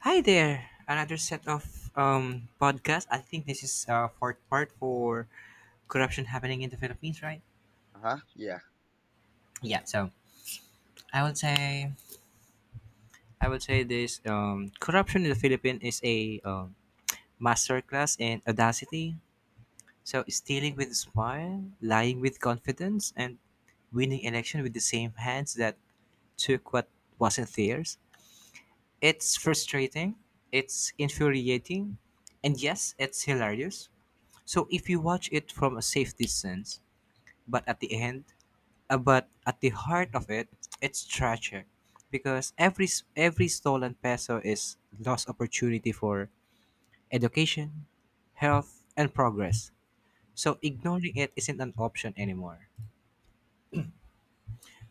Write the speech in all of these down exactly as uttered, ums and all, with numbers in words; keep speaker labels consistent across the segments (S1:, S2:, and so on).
S1: Hi there. Another set of um, podcast. I think this is uh, fourth part for corruption happening in the Philippines, right?
S2: Uh huh. Yeah.
S1: Yeah. So I would say I would say this um, corruption in the Philippines is a um, masterclass in audacity. So stealing with a smile, lying with confidence, and winning election with the same hands that took what wasn't theirs. It's frustrating. It's infuriating, and yes, it's hilarious. So if you watch it from a safe distance, but at the end, uh, but at the heart of it, it's tragic because every s- every stolen peso is lost opportunity for education, health, and progress. So ignoring it isn't an option anymore.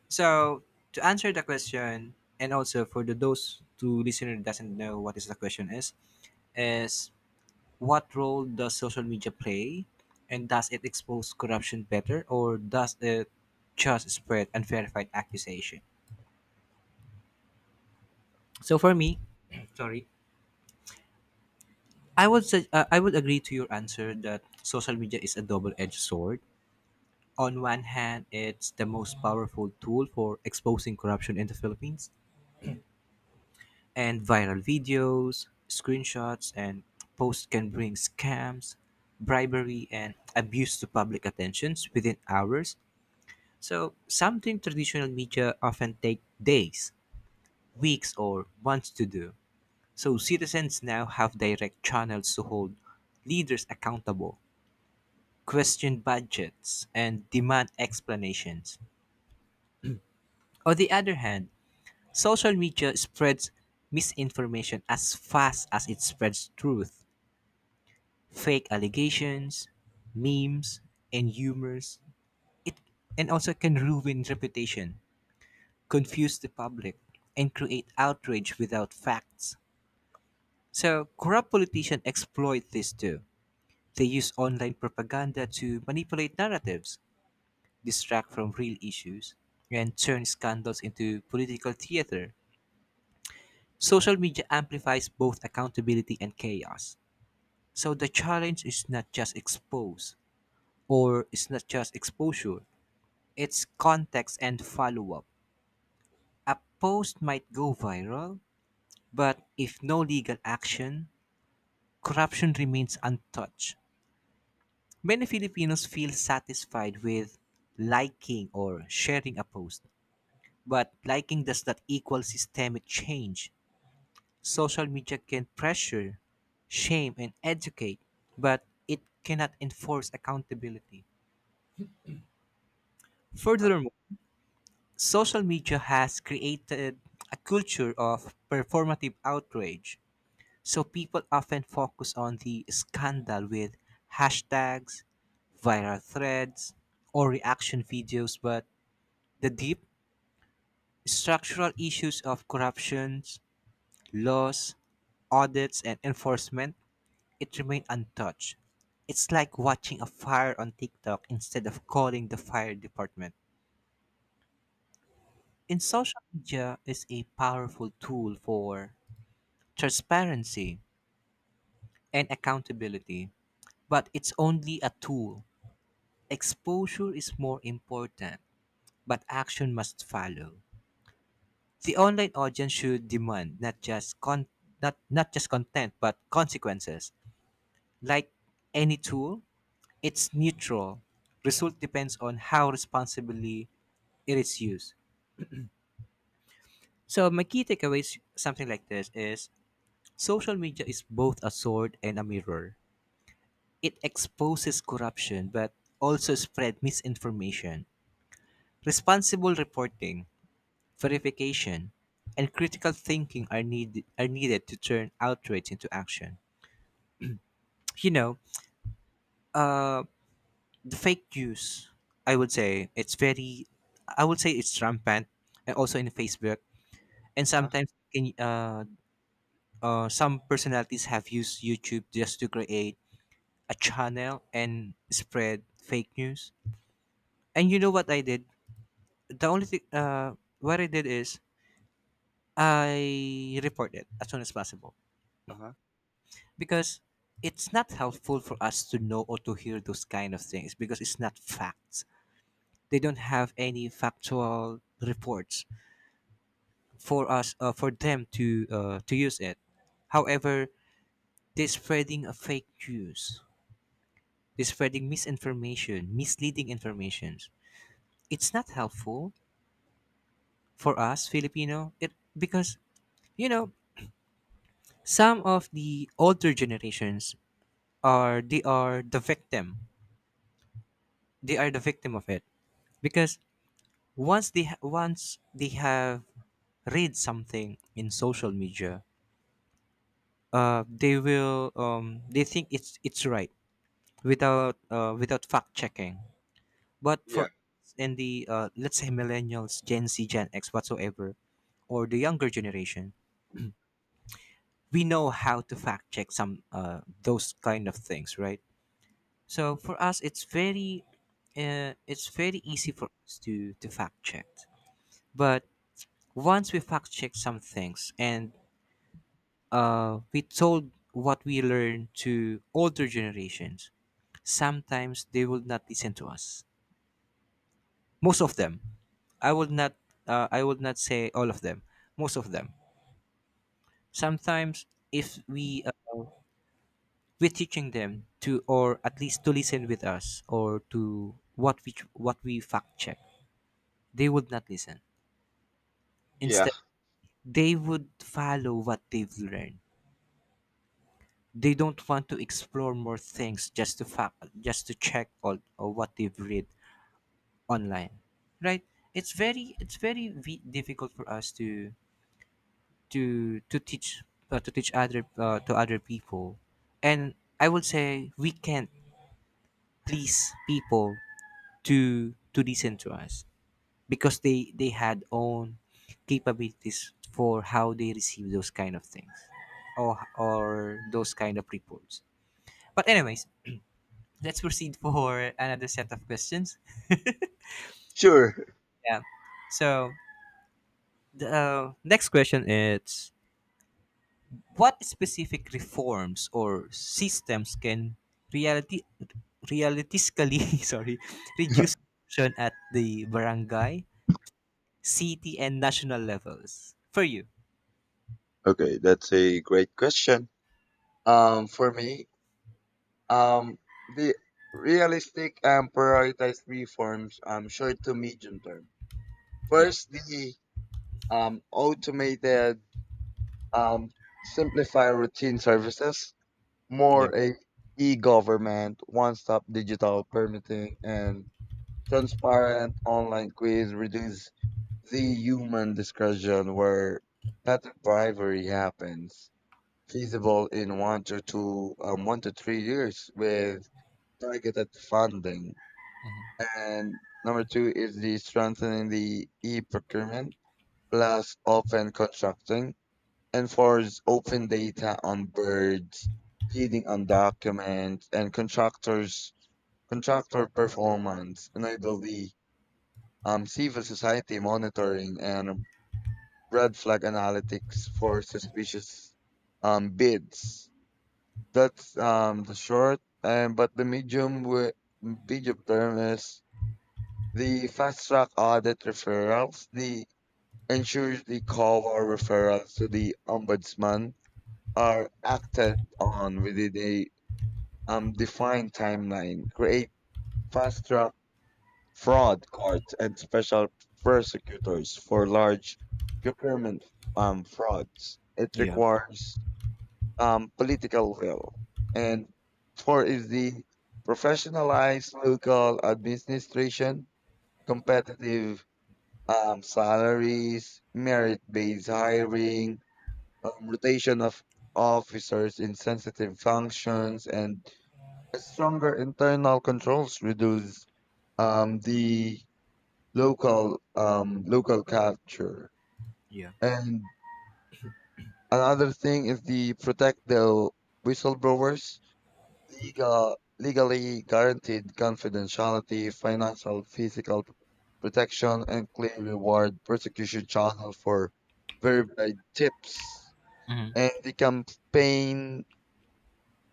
S1: So to answer the question, and also for the those two listeners doesn't know what is the question is, is what role does social media play? And does it expose corruption better or does it just spread unverified accusation? So for me, sorry, I would say, uh, I would agree to your answer that social media is a double-edged sword. On one hand, it's the most powerful tool for exposing corruption in the Philippines, and viral videos, screenshots, and posts can bring scams, bribery, and abuse to public attentions within hours. So, something traditional media often take days, weeks, or months to do. So, citizens now have direct channels to hold leaders accountable, question budgets, and demand explanations. On the other hand, social media spreads misinformation as fast as it spreads truth, fake allegations, memes, and humors. It and also can ruin reputation, confuse the public, and create outrage without facts. So, corrupt politicians exploit this too. They use online propaganda to manipulate narratives, distract from real issues, and turn scandals into political theater. Social media amplifies both accountability and chaos. So the challenge is not just expose or it's not just exposure, it's context and follow up. A post might go viral, but if no legal action, corruption remains untouched. Many Filipinos feel satisfied with liking or sharing a post, but liking does not equal systemic change. Social media can pressure, shame, and educate, but it cannot enforce accountability.
S2: Uh huh.
S1: Furthermore, social media has created a culture of performative outrage. So people often focus on the scandal with hashtags, viral threads, or reaction videos, but the deep structural issues of corruption, laws, audits, and enforcement, it remained untouched. It's like watching a fire on TikTok instead of calling the fire department. In
S2: Yeah.
S1: social media is a powerful tool for transparency and accountability, but it's only a tool. Exposure is more important, but action must follow. The online audience should demand not just con- not, not just content but consequences. Like any tool, it's neutral. Result depends on how responsibly it is used. So my key takeaways something like this is social media is both a sword and a mirror. It exposes corruption but also spread misinformation. Responsible reporting verification, and critical thinking are need are needed to turn outrage into action. You know, uh, the fake news. I would say it's very. I would say it's rampant, and also in Facebook. And
S2: Uh huh.
S1: sometimes, can uh, uh, some personalities have used YouTube just to create a channel and spread fake news. And you know what I did? The only thing, uh, what I did is I reported as soon as possible
S2: Uh huh.
S1: because it's not helpful for us to know or to hear those kind of things because it's not facts. They don't have any factual reports for us uh, for them to uh, to use it. However, they're spreading a fake news. They're spreading misinformation, misleading information. It's not helpful for us Filipino. It because you know some of the older generations are they are the victim. They are the victim of it because once they ha- once they have read something in social media uh they will um they think it's it's right without uh without fact checking. But for
S2: Yeah.
S1: us in the uh let's say millennials, gen z, gen x, whatsoever or the younger generation, we know how to fact check some uh those kind of things, right? So for us it's very uh, it's very easy for us to to fact check. But once we fact check some things and uh, we told what we learned to older generations. Sometimes they will not listen to us. Most of them. I will not. Uh, I will not say all of them. Most of them. Sometimes if we uh, we're teaching them to, or at least to listen with us, or to what we what we fact check, they would not listen.
S2: Yeah.
S1: Instead, they would follow what they've learned. They don't want to explore more things just to fact, just to check all or what they've read online, right? It's very it's very v- difficult for us to to to teach uh, to teach other uh, to other people, and I would say we can't please people to to listen to us because they they had own capabilities for how they receive those kind of things or or those kind of reports. But anyways, let's proceed for another set of questions.
S2: Sure.
S1: Yeah. So the uh, next question is what specific reforms or systems can reality realistically sorry reduce corruption at the barangay, city and national levels for you?
S2: Okay, that's a great question. Um, for me, um, the realistic and prioritized reforms, um, short to medium term.
S1: Yeah.
S2: First, the um automated, um simplify routine services,
S1: Yeah.
S2: more a e-government, one-stop digital permitting, and transparent online quiz reduce the human discussion where pet bribery happens, feasible in one to two, um, one to three years with targeted funding. And number two is the strengthening the e-procurement plus open contracting, enforce open data on birds, feeding on documents, and contractors contractor performance, enable the um, civil society monitoring and red flag analytics for suspicious um, bids. That's um, the short, and but the medium wi- medium term is the fast track audit referrals. The ensures the call or referrals to the ombudsman are acted on within a um, defined timeline. Create fast track fraud courts and special prosecutors for large procurement um, frauds. It
S1: Yeah.
S2: requires um, political will. And four is the professionalized local administration, competitive um, salaries, merit-based hiring, um, rotation of officers in sensitive functions, and stronger internal controls reduce um, the local um, local culture.
S1: Yeah.
S2: And another thing is the protect the whistleblowers legal, legally guaranteed confidentiality, financial, physical p- protection, and clear reward persecution channel for verified tips.
S1: Mhm.
S2: And the campaign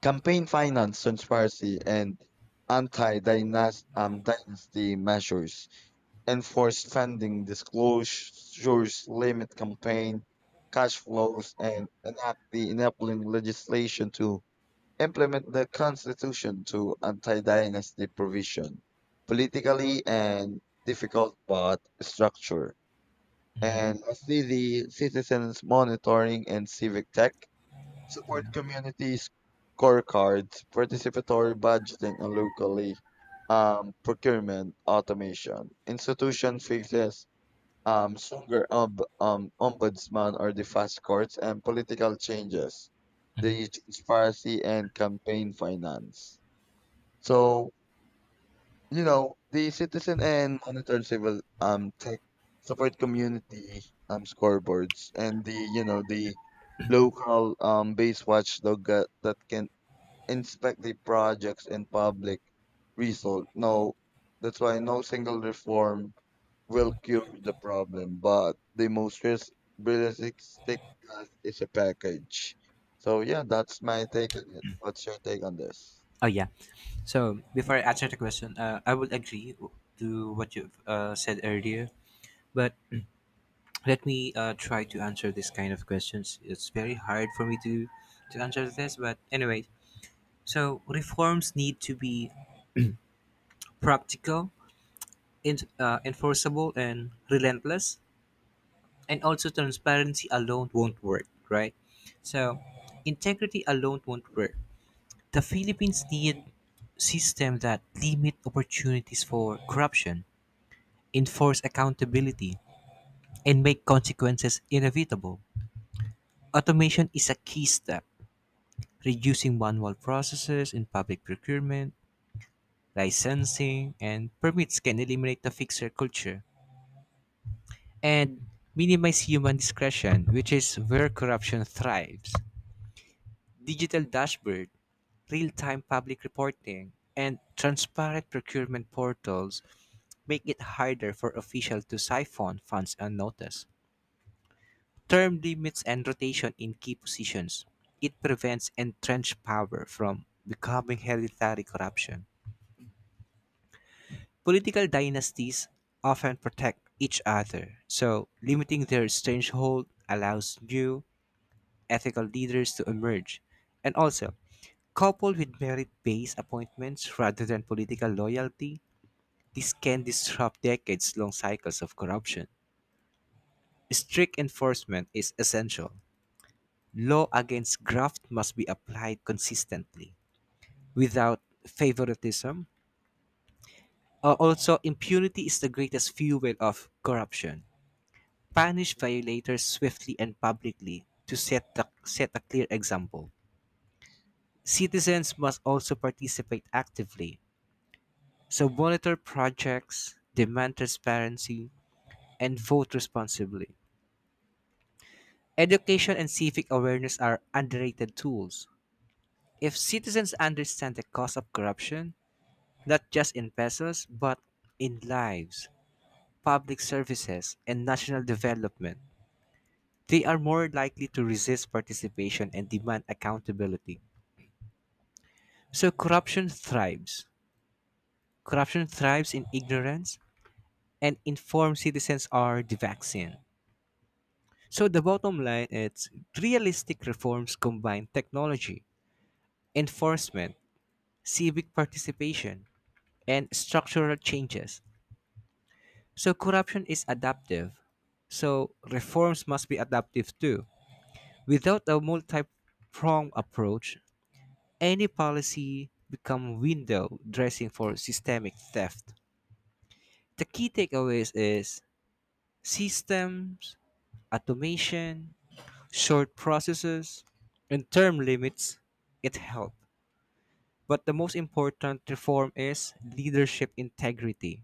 S2: campaign finance transparency and anti-dynasty um, dynasty measures, enforce funding disclosures, limit campaign cash flows, and enact the enabling legislation to implement the Constitution to anti-dynasty provision, politically and difficult but structure. And lastly, the citizens monitoring and civic tech, support
S1: Yeah.
S2: community scorecards, participatory budgeting and locally um, procurement automation. Institution fixes um, stronger um, um, ombudsman or the fast courts and political changes, the transparency and campaign finance. So, you know, the citizen and monitored civil um, tech support community um, scoreboards and the, you know, the local um, base watchdog that, that can inspect the projects and public result. No, that's why no single reform will cure the problem, but the most res- realistic path is a package. So yeah, that's my take on it. What's your take on this?
S1: Oh yeah. So before I answer the question, uh, I would agree to what you've uh, said earlier. But let me uh, try to answer this kind of questions. It's very hard for me to to answer this but anyway. So reforms need to be practical in, uh, enforceable and relentless, and also transparency alone won't work, right? So integrity alone won't work. The Philippines need system that limit opportunities for corruption, enforce accountability, and make consequences inevitable. Automation is a key step. Reducing manual processes in public procurement, licensing, and permits can eliminate the fixer culture and minimize human discretion, which is where corruption thrives. Digital dashboard, real-time public reporting, and transparent procurement portals make it harder for officials to siphon funds unnoticed. Term limits and rotation in key positions. It prevents entrenched power from becoming hereditary corruption. Political dynasties often protect each other, so limiting their stranglehold allows new ethical leaders to emerge. And also, coupled with merit based appointments rather than political loyalty, this can disrupt decades long cycles of corruption. Strict enforcement is essential. Law against graft must be applied consistently without favoritism. Uh, also, impunity is the greatest fuel of corruption. Punish violators swiftly and publicly to set, the, set a clear example. Citizens must also participate actively, so monitor projects, demand transparency, and vote responsibly. Education and civic awareness are underrated tools. If citizens understand the cost of corruption, not just in pesos, but in lives, public services, and national development, they are more likely to resist participation and demand accountability. So corruption thrives. Corruption thrives in ignorance, and informed citizens are the vaccine. So the bottom line is realistic reforms combine technology, enforcement, civic participation, and structural changes. So corruption is adaptive. So reforms must be adaptive too. Without a multi-pronged approach, any policy become window dressing for systemic theft. The key takeaways is systems, automation, short processes, and term limits, it helped. But the most important reform is leadership integrity.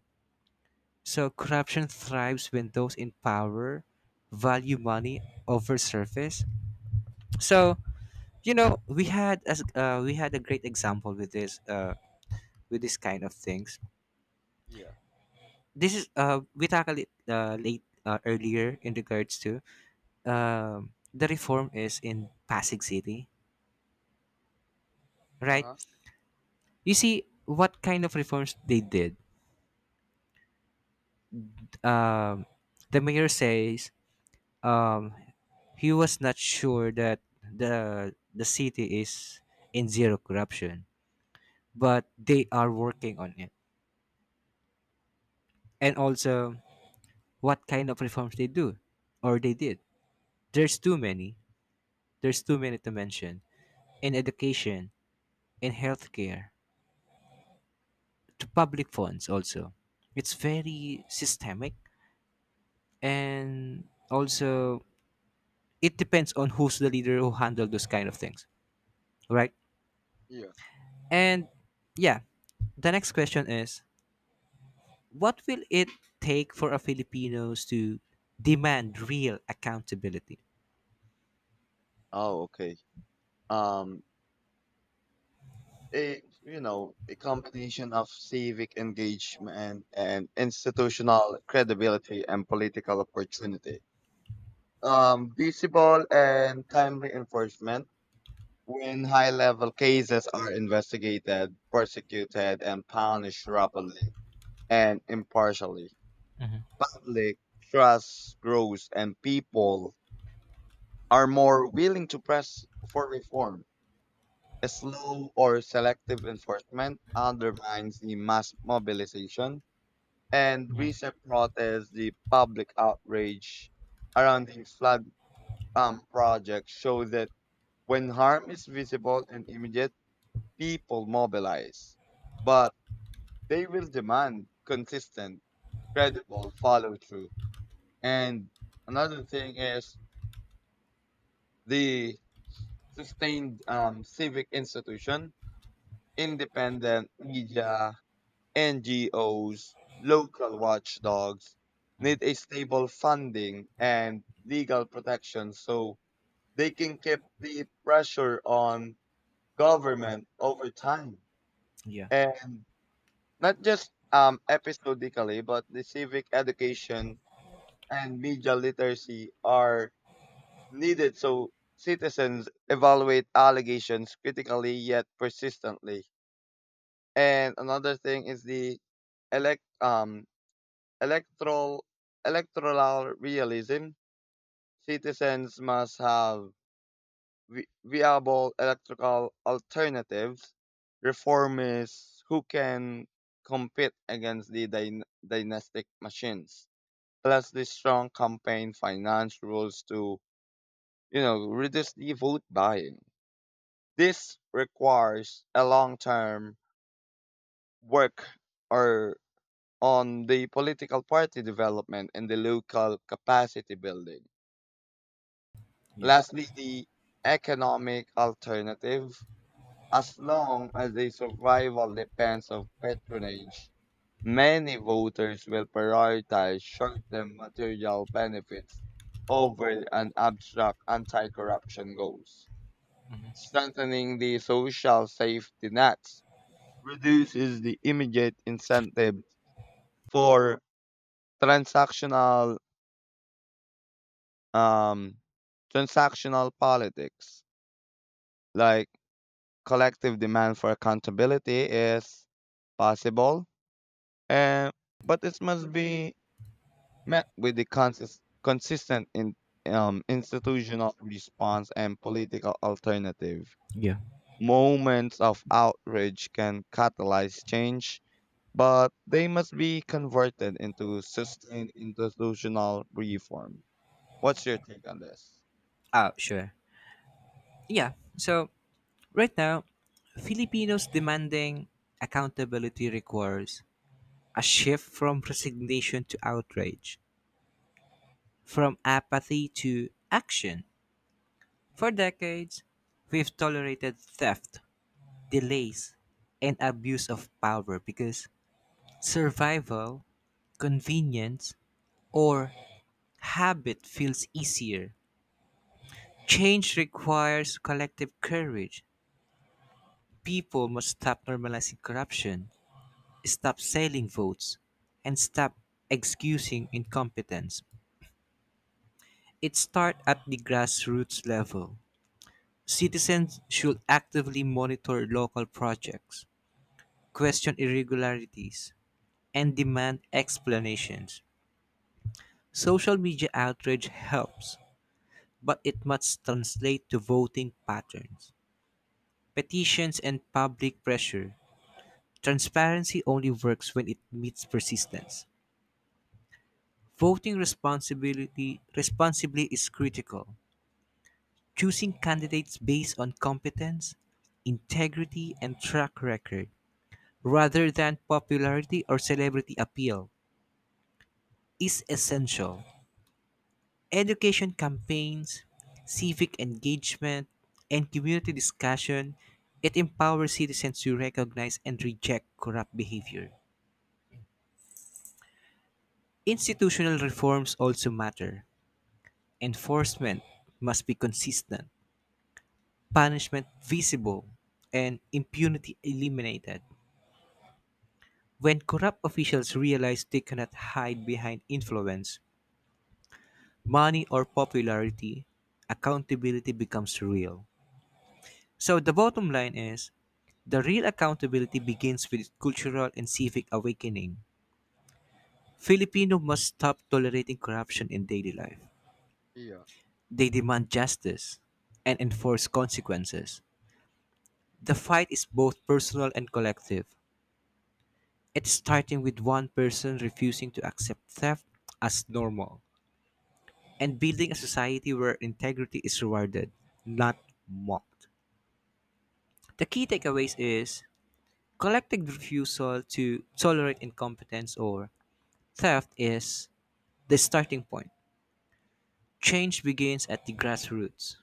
S1: So corruption thrives when those in power value money over service. So you know we had as uh, we had a great example with this uh, with this kind of things.
S2: Yeah.
S1: This is uh, we tackled it uh, late uh, earlier in regards to um, the reform is in Pasig City,
S2: Uh
S1: right?
S2: huh.
S1: You see what kind of reforms they did. Um, the mayor says um, he was not sure that the the city is in zero corruption, but they are working on it. And also, what kind of reforms they do or they did. There's too many. There's too many to mention in education, in healthcare, to public funds also. It's very systemic and also it depends on who's the leader who handle those kind of things, right?
S2: Yeah.
S1: And yeah, the next question is what will it take for a Filipinos to demand real accountability.
S2: Oh, okay. Um, a you know a combination of civic engagement and institutional credibility and political opportunity. Um, visible and timely enforcement when high-level cases are investigated, prosecuted, and punished rapidly. and impartially.
S1: Mhm,
S2: Public trust grows and people are more willing to press for reform. A slow or selective enforcement undermines the mass mobilization and
S1: mhm.
S2: recent protests, the public outrage around the flood um, project show that when harm is visible and immediate, people mobilize. But they will demand consistent, credible follow through. And another thing is the sustained um, civic institution, independent media, N G Os, local watchdogs need a stable funding and legal protection so they can keep the pressure on government over time.
S1: Yeah.
S2: And not just um, episodically, but the civic education and media literacy are needed so citizens evaluate allegations critically yet persistently. And another thing is the elect um electoral electoral realism. Citizens must have vi- viable electoral alternatives. Reformists who can compete against the dyn- dynastic machines. Plus, the strong campaign finance rules to you know reduce the vote buying. This requires a long-term work or on the political party development and the local capacity building.
S1: Yeah.
S2: Lastly, the economic alternative. As long as the survival depends on patronage, many voters will prioritize short-term material benefits over an abstract anti-corruption goals. Strengthening the social safety nets reduces the immediate incentive for transactional um, transactional politics. Like collective demand for accountability is possible, and but it must be met with the consist- consistent in, um, institutional response and political alternative.
S1: Yeah.
S2: Moments of outrage can catalyze change but they must be converted into sustained institutional reform. What's your take on this?
S1: Oh sure. Yeah. So right now Filipinos demanding accountability requires a shift from resignation to outrage, from apathy to action. For decades we've tolerated theft, delays, and abuse of power because survival, convenience, or habit feels easier. Change requires collective courage. People must stop normalizing corruption, stop selling votes, and stop excusing incompetence. It starts at the grassroots level. Citizens should actively monitor local projects, question irregularities, and demand explanations. Social media outrage helps, but it must translate to voting patterns, petitions, and public pressure. Transparency only works when it meets persistence. Voting responsibility responsibly is critical. Choosing candidates based on competence, integrity, and track record rather than popularity or celebrity appeal is essential. Education campaigns, civic engagement, and community discussion, it empowers citizens to recognize and reject corrupt behavior. Institutional reforms also matter. Enforcement must be consistent, punishment visible, and impunity eliminated. When corrupt officials realize they cannot hide behind influence, money, or popularity, accountability becomes real. So the bottom line is the real accountability begins with cultural and civic awakening. Filipino must stop tolerating corruption in daily life.
S2: Yeah,
S1: They demand justice and enforce consequences. The fight is both personal and collective. It's starting with one person refusing to accept theft as normal and building a society where integrity is rewarded, not mocked. The key takeaways is collective refusal to tolerate incompetence or theft is the starting point.
S2: yeah,
S1: Change begins at the grassroots.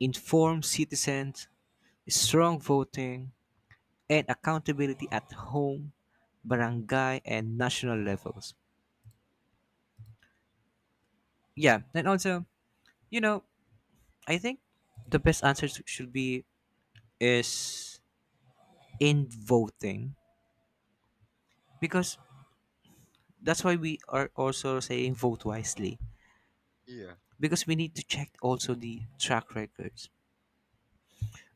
S1: Informed citizens, strong voting, and accountability at home, barangay, and national levels. Yeah, and also, you know, I think the best answer s- should be is in voting because that's why we are also saying vote wisely
S2: yeah,
S1: because we need to check also the track records.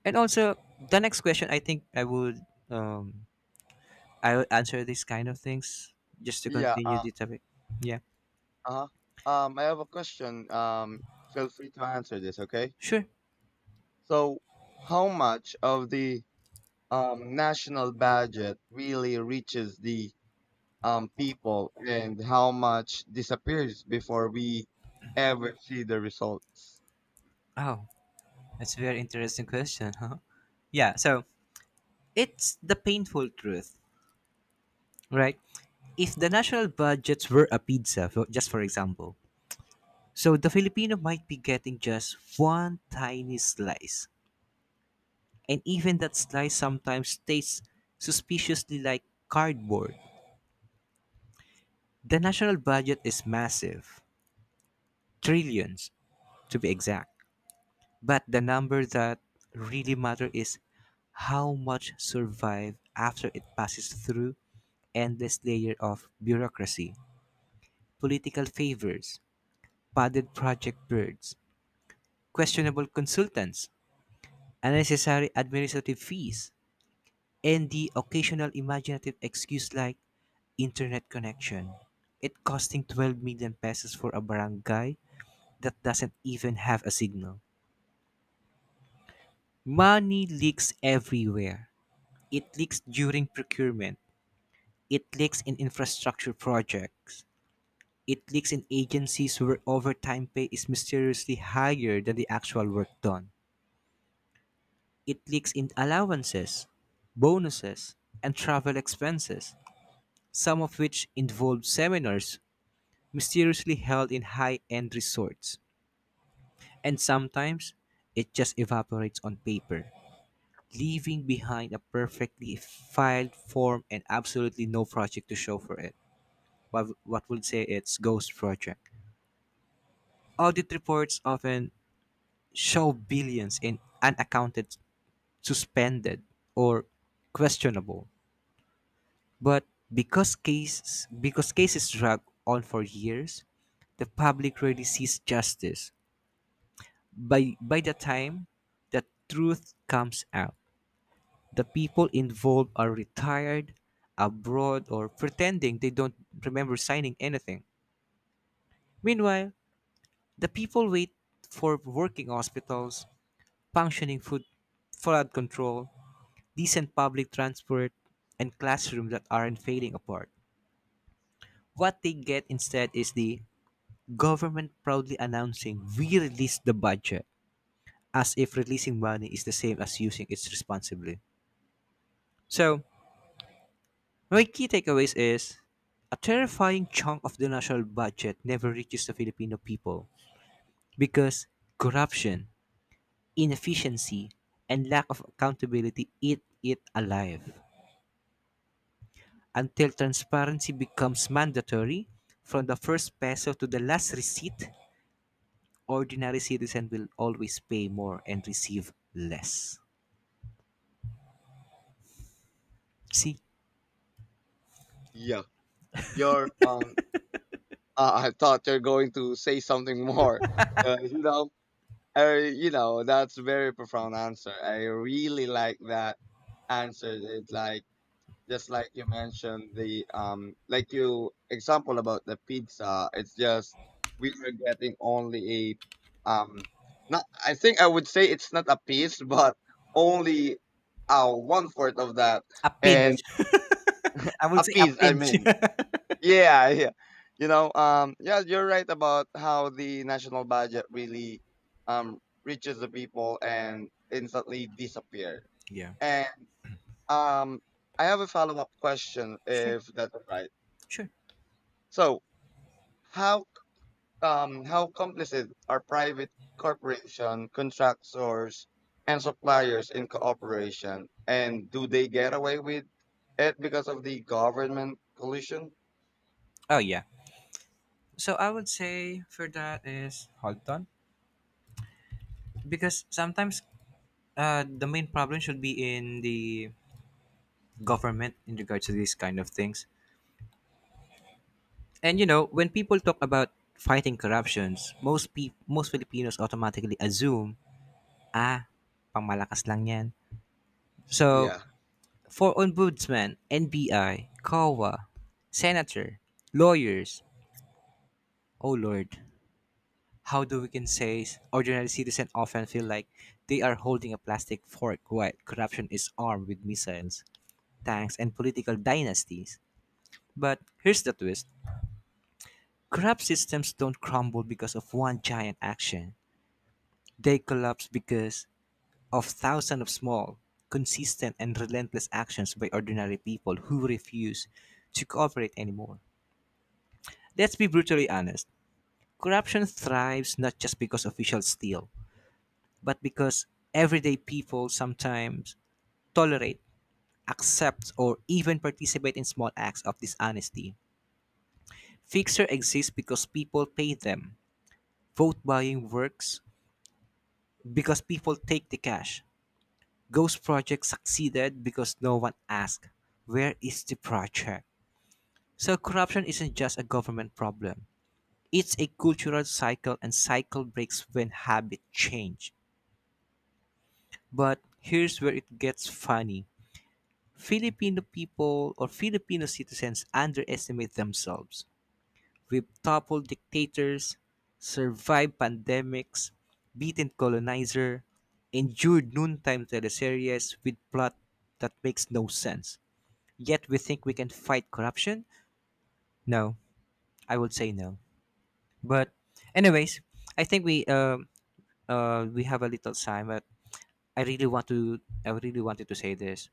S1: And also, the next question I think I would um, I would answer these kind of things just to
S2: yeah.
S1: continue
S2: Uh,
S1: the topic. Yeah,
S2: uh, um, I have a question. Um, feel free to answer this, okay?
S1: sure.
S2: So, how much of the um national budget really reaches the um people, and how much disappears before we ever see the results?
S1: Oh, that's a very interesting question, huh? Yeah, so it's the painful truth, right? If the national budgets were a pizza, for- just for example, so the Filipino might be getting just one tiny slice. And even that slice sometimes tastes suspiciously like cardboard. The national budget is massive, trillions to be exact. But the number that really matter is how much survive after it passes through endless layer of bureaucracy, political favors, padded project birds, questionable consultants, unnecessary administrative fees, and the occasional imaginative excuse like internet connection. It costing twelve million pesos for a barangay that doesn't even have a signal. Money leaks everywhere. It leaks during procurement. It leaks in infrastructure projects. It leaks in agencies where overtime pay is mysteriously higher than the actual work done. It leaks in allowances, bonuses, and travel expenses, some of which involve seminars mysteriously held in high end resorts. And sometimes it just evaporates on paper, leaving behind a perfectly filed form and absolutely no project to show for it. what, what would say it's ghost project. Audit reports often show billions in unaccounted, suspended, or questionable. But because cases because cases drag on for years, the public rarely sees justice. By by the time the truth comes out, the people involved are retired, abroad, or pretending they don't remember signing anything. Meanwhile, the people wait for working hospitals, functioning food, flood control, decent public transport, and classrooms that aren't fading apart. What they get instead is the government proudly announcing we released the budget as if releasing money is the same as using it responsibly. So, my key takeaways is a terrifying chunk of the national budget never reaches the Filipino people because corruption, inefficiency, and lack of accountability eat it alive. Until transparency becomes mandatory, from the first peso to the last receipt, ordinary citizen will always pay more and receive less. See?
S2: Yeah, your um uh, I thought you're going to say something more. Uh, you know, uh, you know, that's a very profound answer. I really like that answer. It's like just like you mentioned the um, like you example about the pizza. It's just we are getting only a um, not. I think I would say it's not a piece, but only uh one fourth of that,
S1: A pinch.
S2: and
S1: I will
S2: a
S1: say a
S2: piece. I
S1: pinch.
S2: mean, yeah, yeah, you know um yeah, you're right about how the national budget really um reaches the people and instantly disappear.
S1: yeah.
S2: And um I have a follow-up question,
S1: Sure.
S2: if that's all right.
S1: Sure.
S2: So how um how complicit are private corporation contractors and suppliers in cooperation, and do they get away with it because of the government collusion?
S1: Oh yeah. So I would say for that is hold on. Because sometimes uh, the main problem should be in the government in regards to these kind of things. And you know, when people talk about fighting corruptions, most pe- most Filipinos automatically assume, ah, pangmalakas lang lang 'yan. So,
S2: Yeah.
S1: for ombudsman, N B I, C O A, senator, lawyers, oh lord, how do we can say ordinary citizen often feel like they are holding a plastic fork while corruption is armed with missiles, tanks, and political dynasties? But here's the twist. Corrupt systems don't crumble because of one giant action. They collapse because of thousands of small, consistent, and relentless actions by ordinary people who refuse to cooperate anymore. Let's be brutally honest. Corruption thrives not just because officials steal, but because everyday people sometimes tolerate, accept, or even participate in small acts of dishonesty. Fixer exists because people pay them. Vote buying works because people take the cash. Ghost Project succeeded because no one asked, where is the project? So, corruption isn't just a government problem, it's a cultural cycle, and cycle breaks when habit change. But here's where it gets funny. Filipino people or Filipino citizens underestimate themselves. We've toppled dictators, survived pandemics, beaten colonizer, endured noontime teleseries with plot that makes no sense. Yet we think we can fight corruption? No, I would say no. But, anyways, I think we uh, uh, we have a little time, but I really want to I really wanted to say this.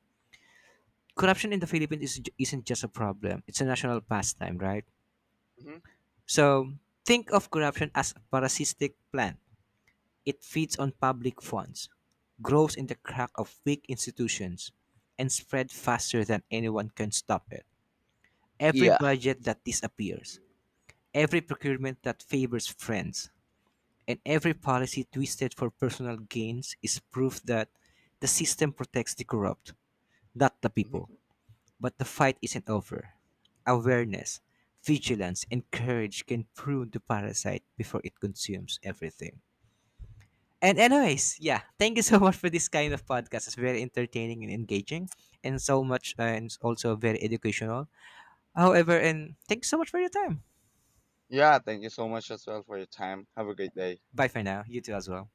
S1: Corruption in the Philippines is, isn't just a problem; it's a national pastime, right?
S2: Hmm.
S1: So think of corruption as a parasitic plant. It feeds on public funds, grows in the crack of weak institutions, and spread faster than anyone can stop it. Every
S2: Yeah.
S1: budget that disappears, every procurement that favors friends and every policy twisted for personal gains is proof that the system protects the corrupt, not the people. But the fight isn't over. Awareness, vigilance, and courage can prune the parasite before it consumes everything. And anyways, yeah, thank you so much for this kind of podcast. It's very entertaining and engaging, and so much, uh, and it's also very educational. However, and thank you so much for your time.
S2: Yeah, thank you so much as well for your time. Have a great day.
S1: Bye for now. You too as well.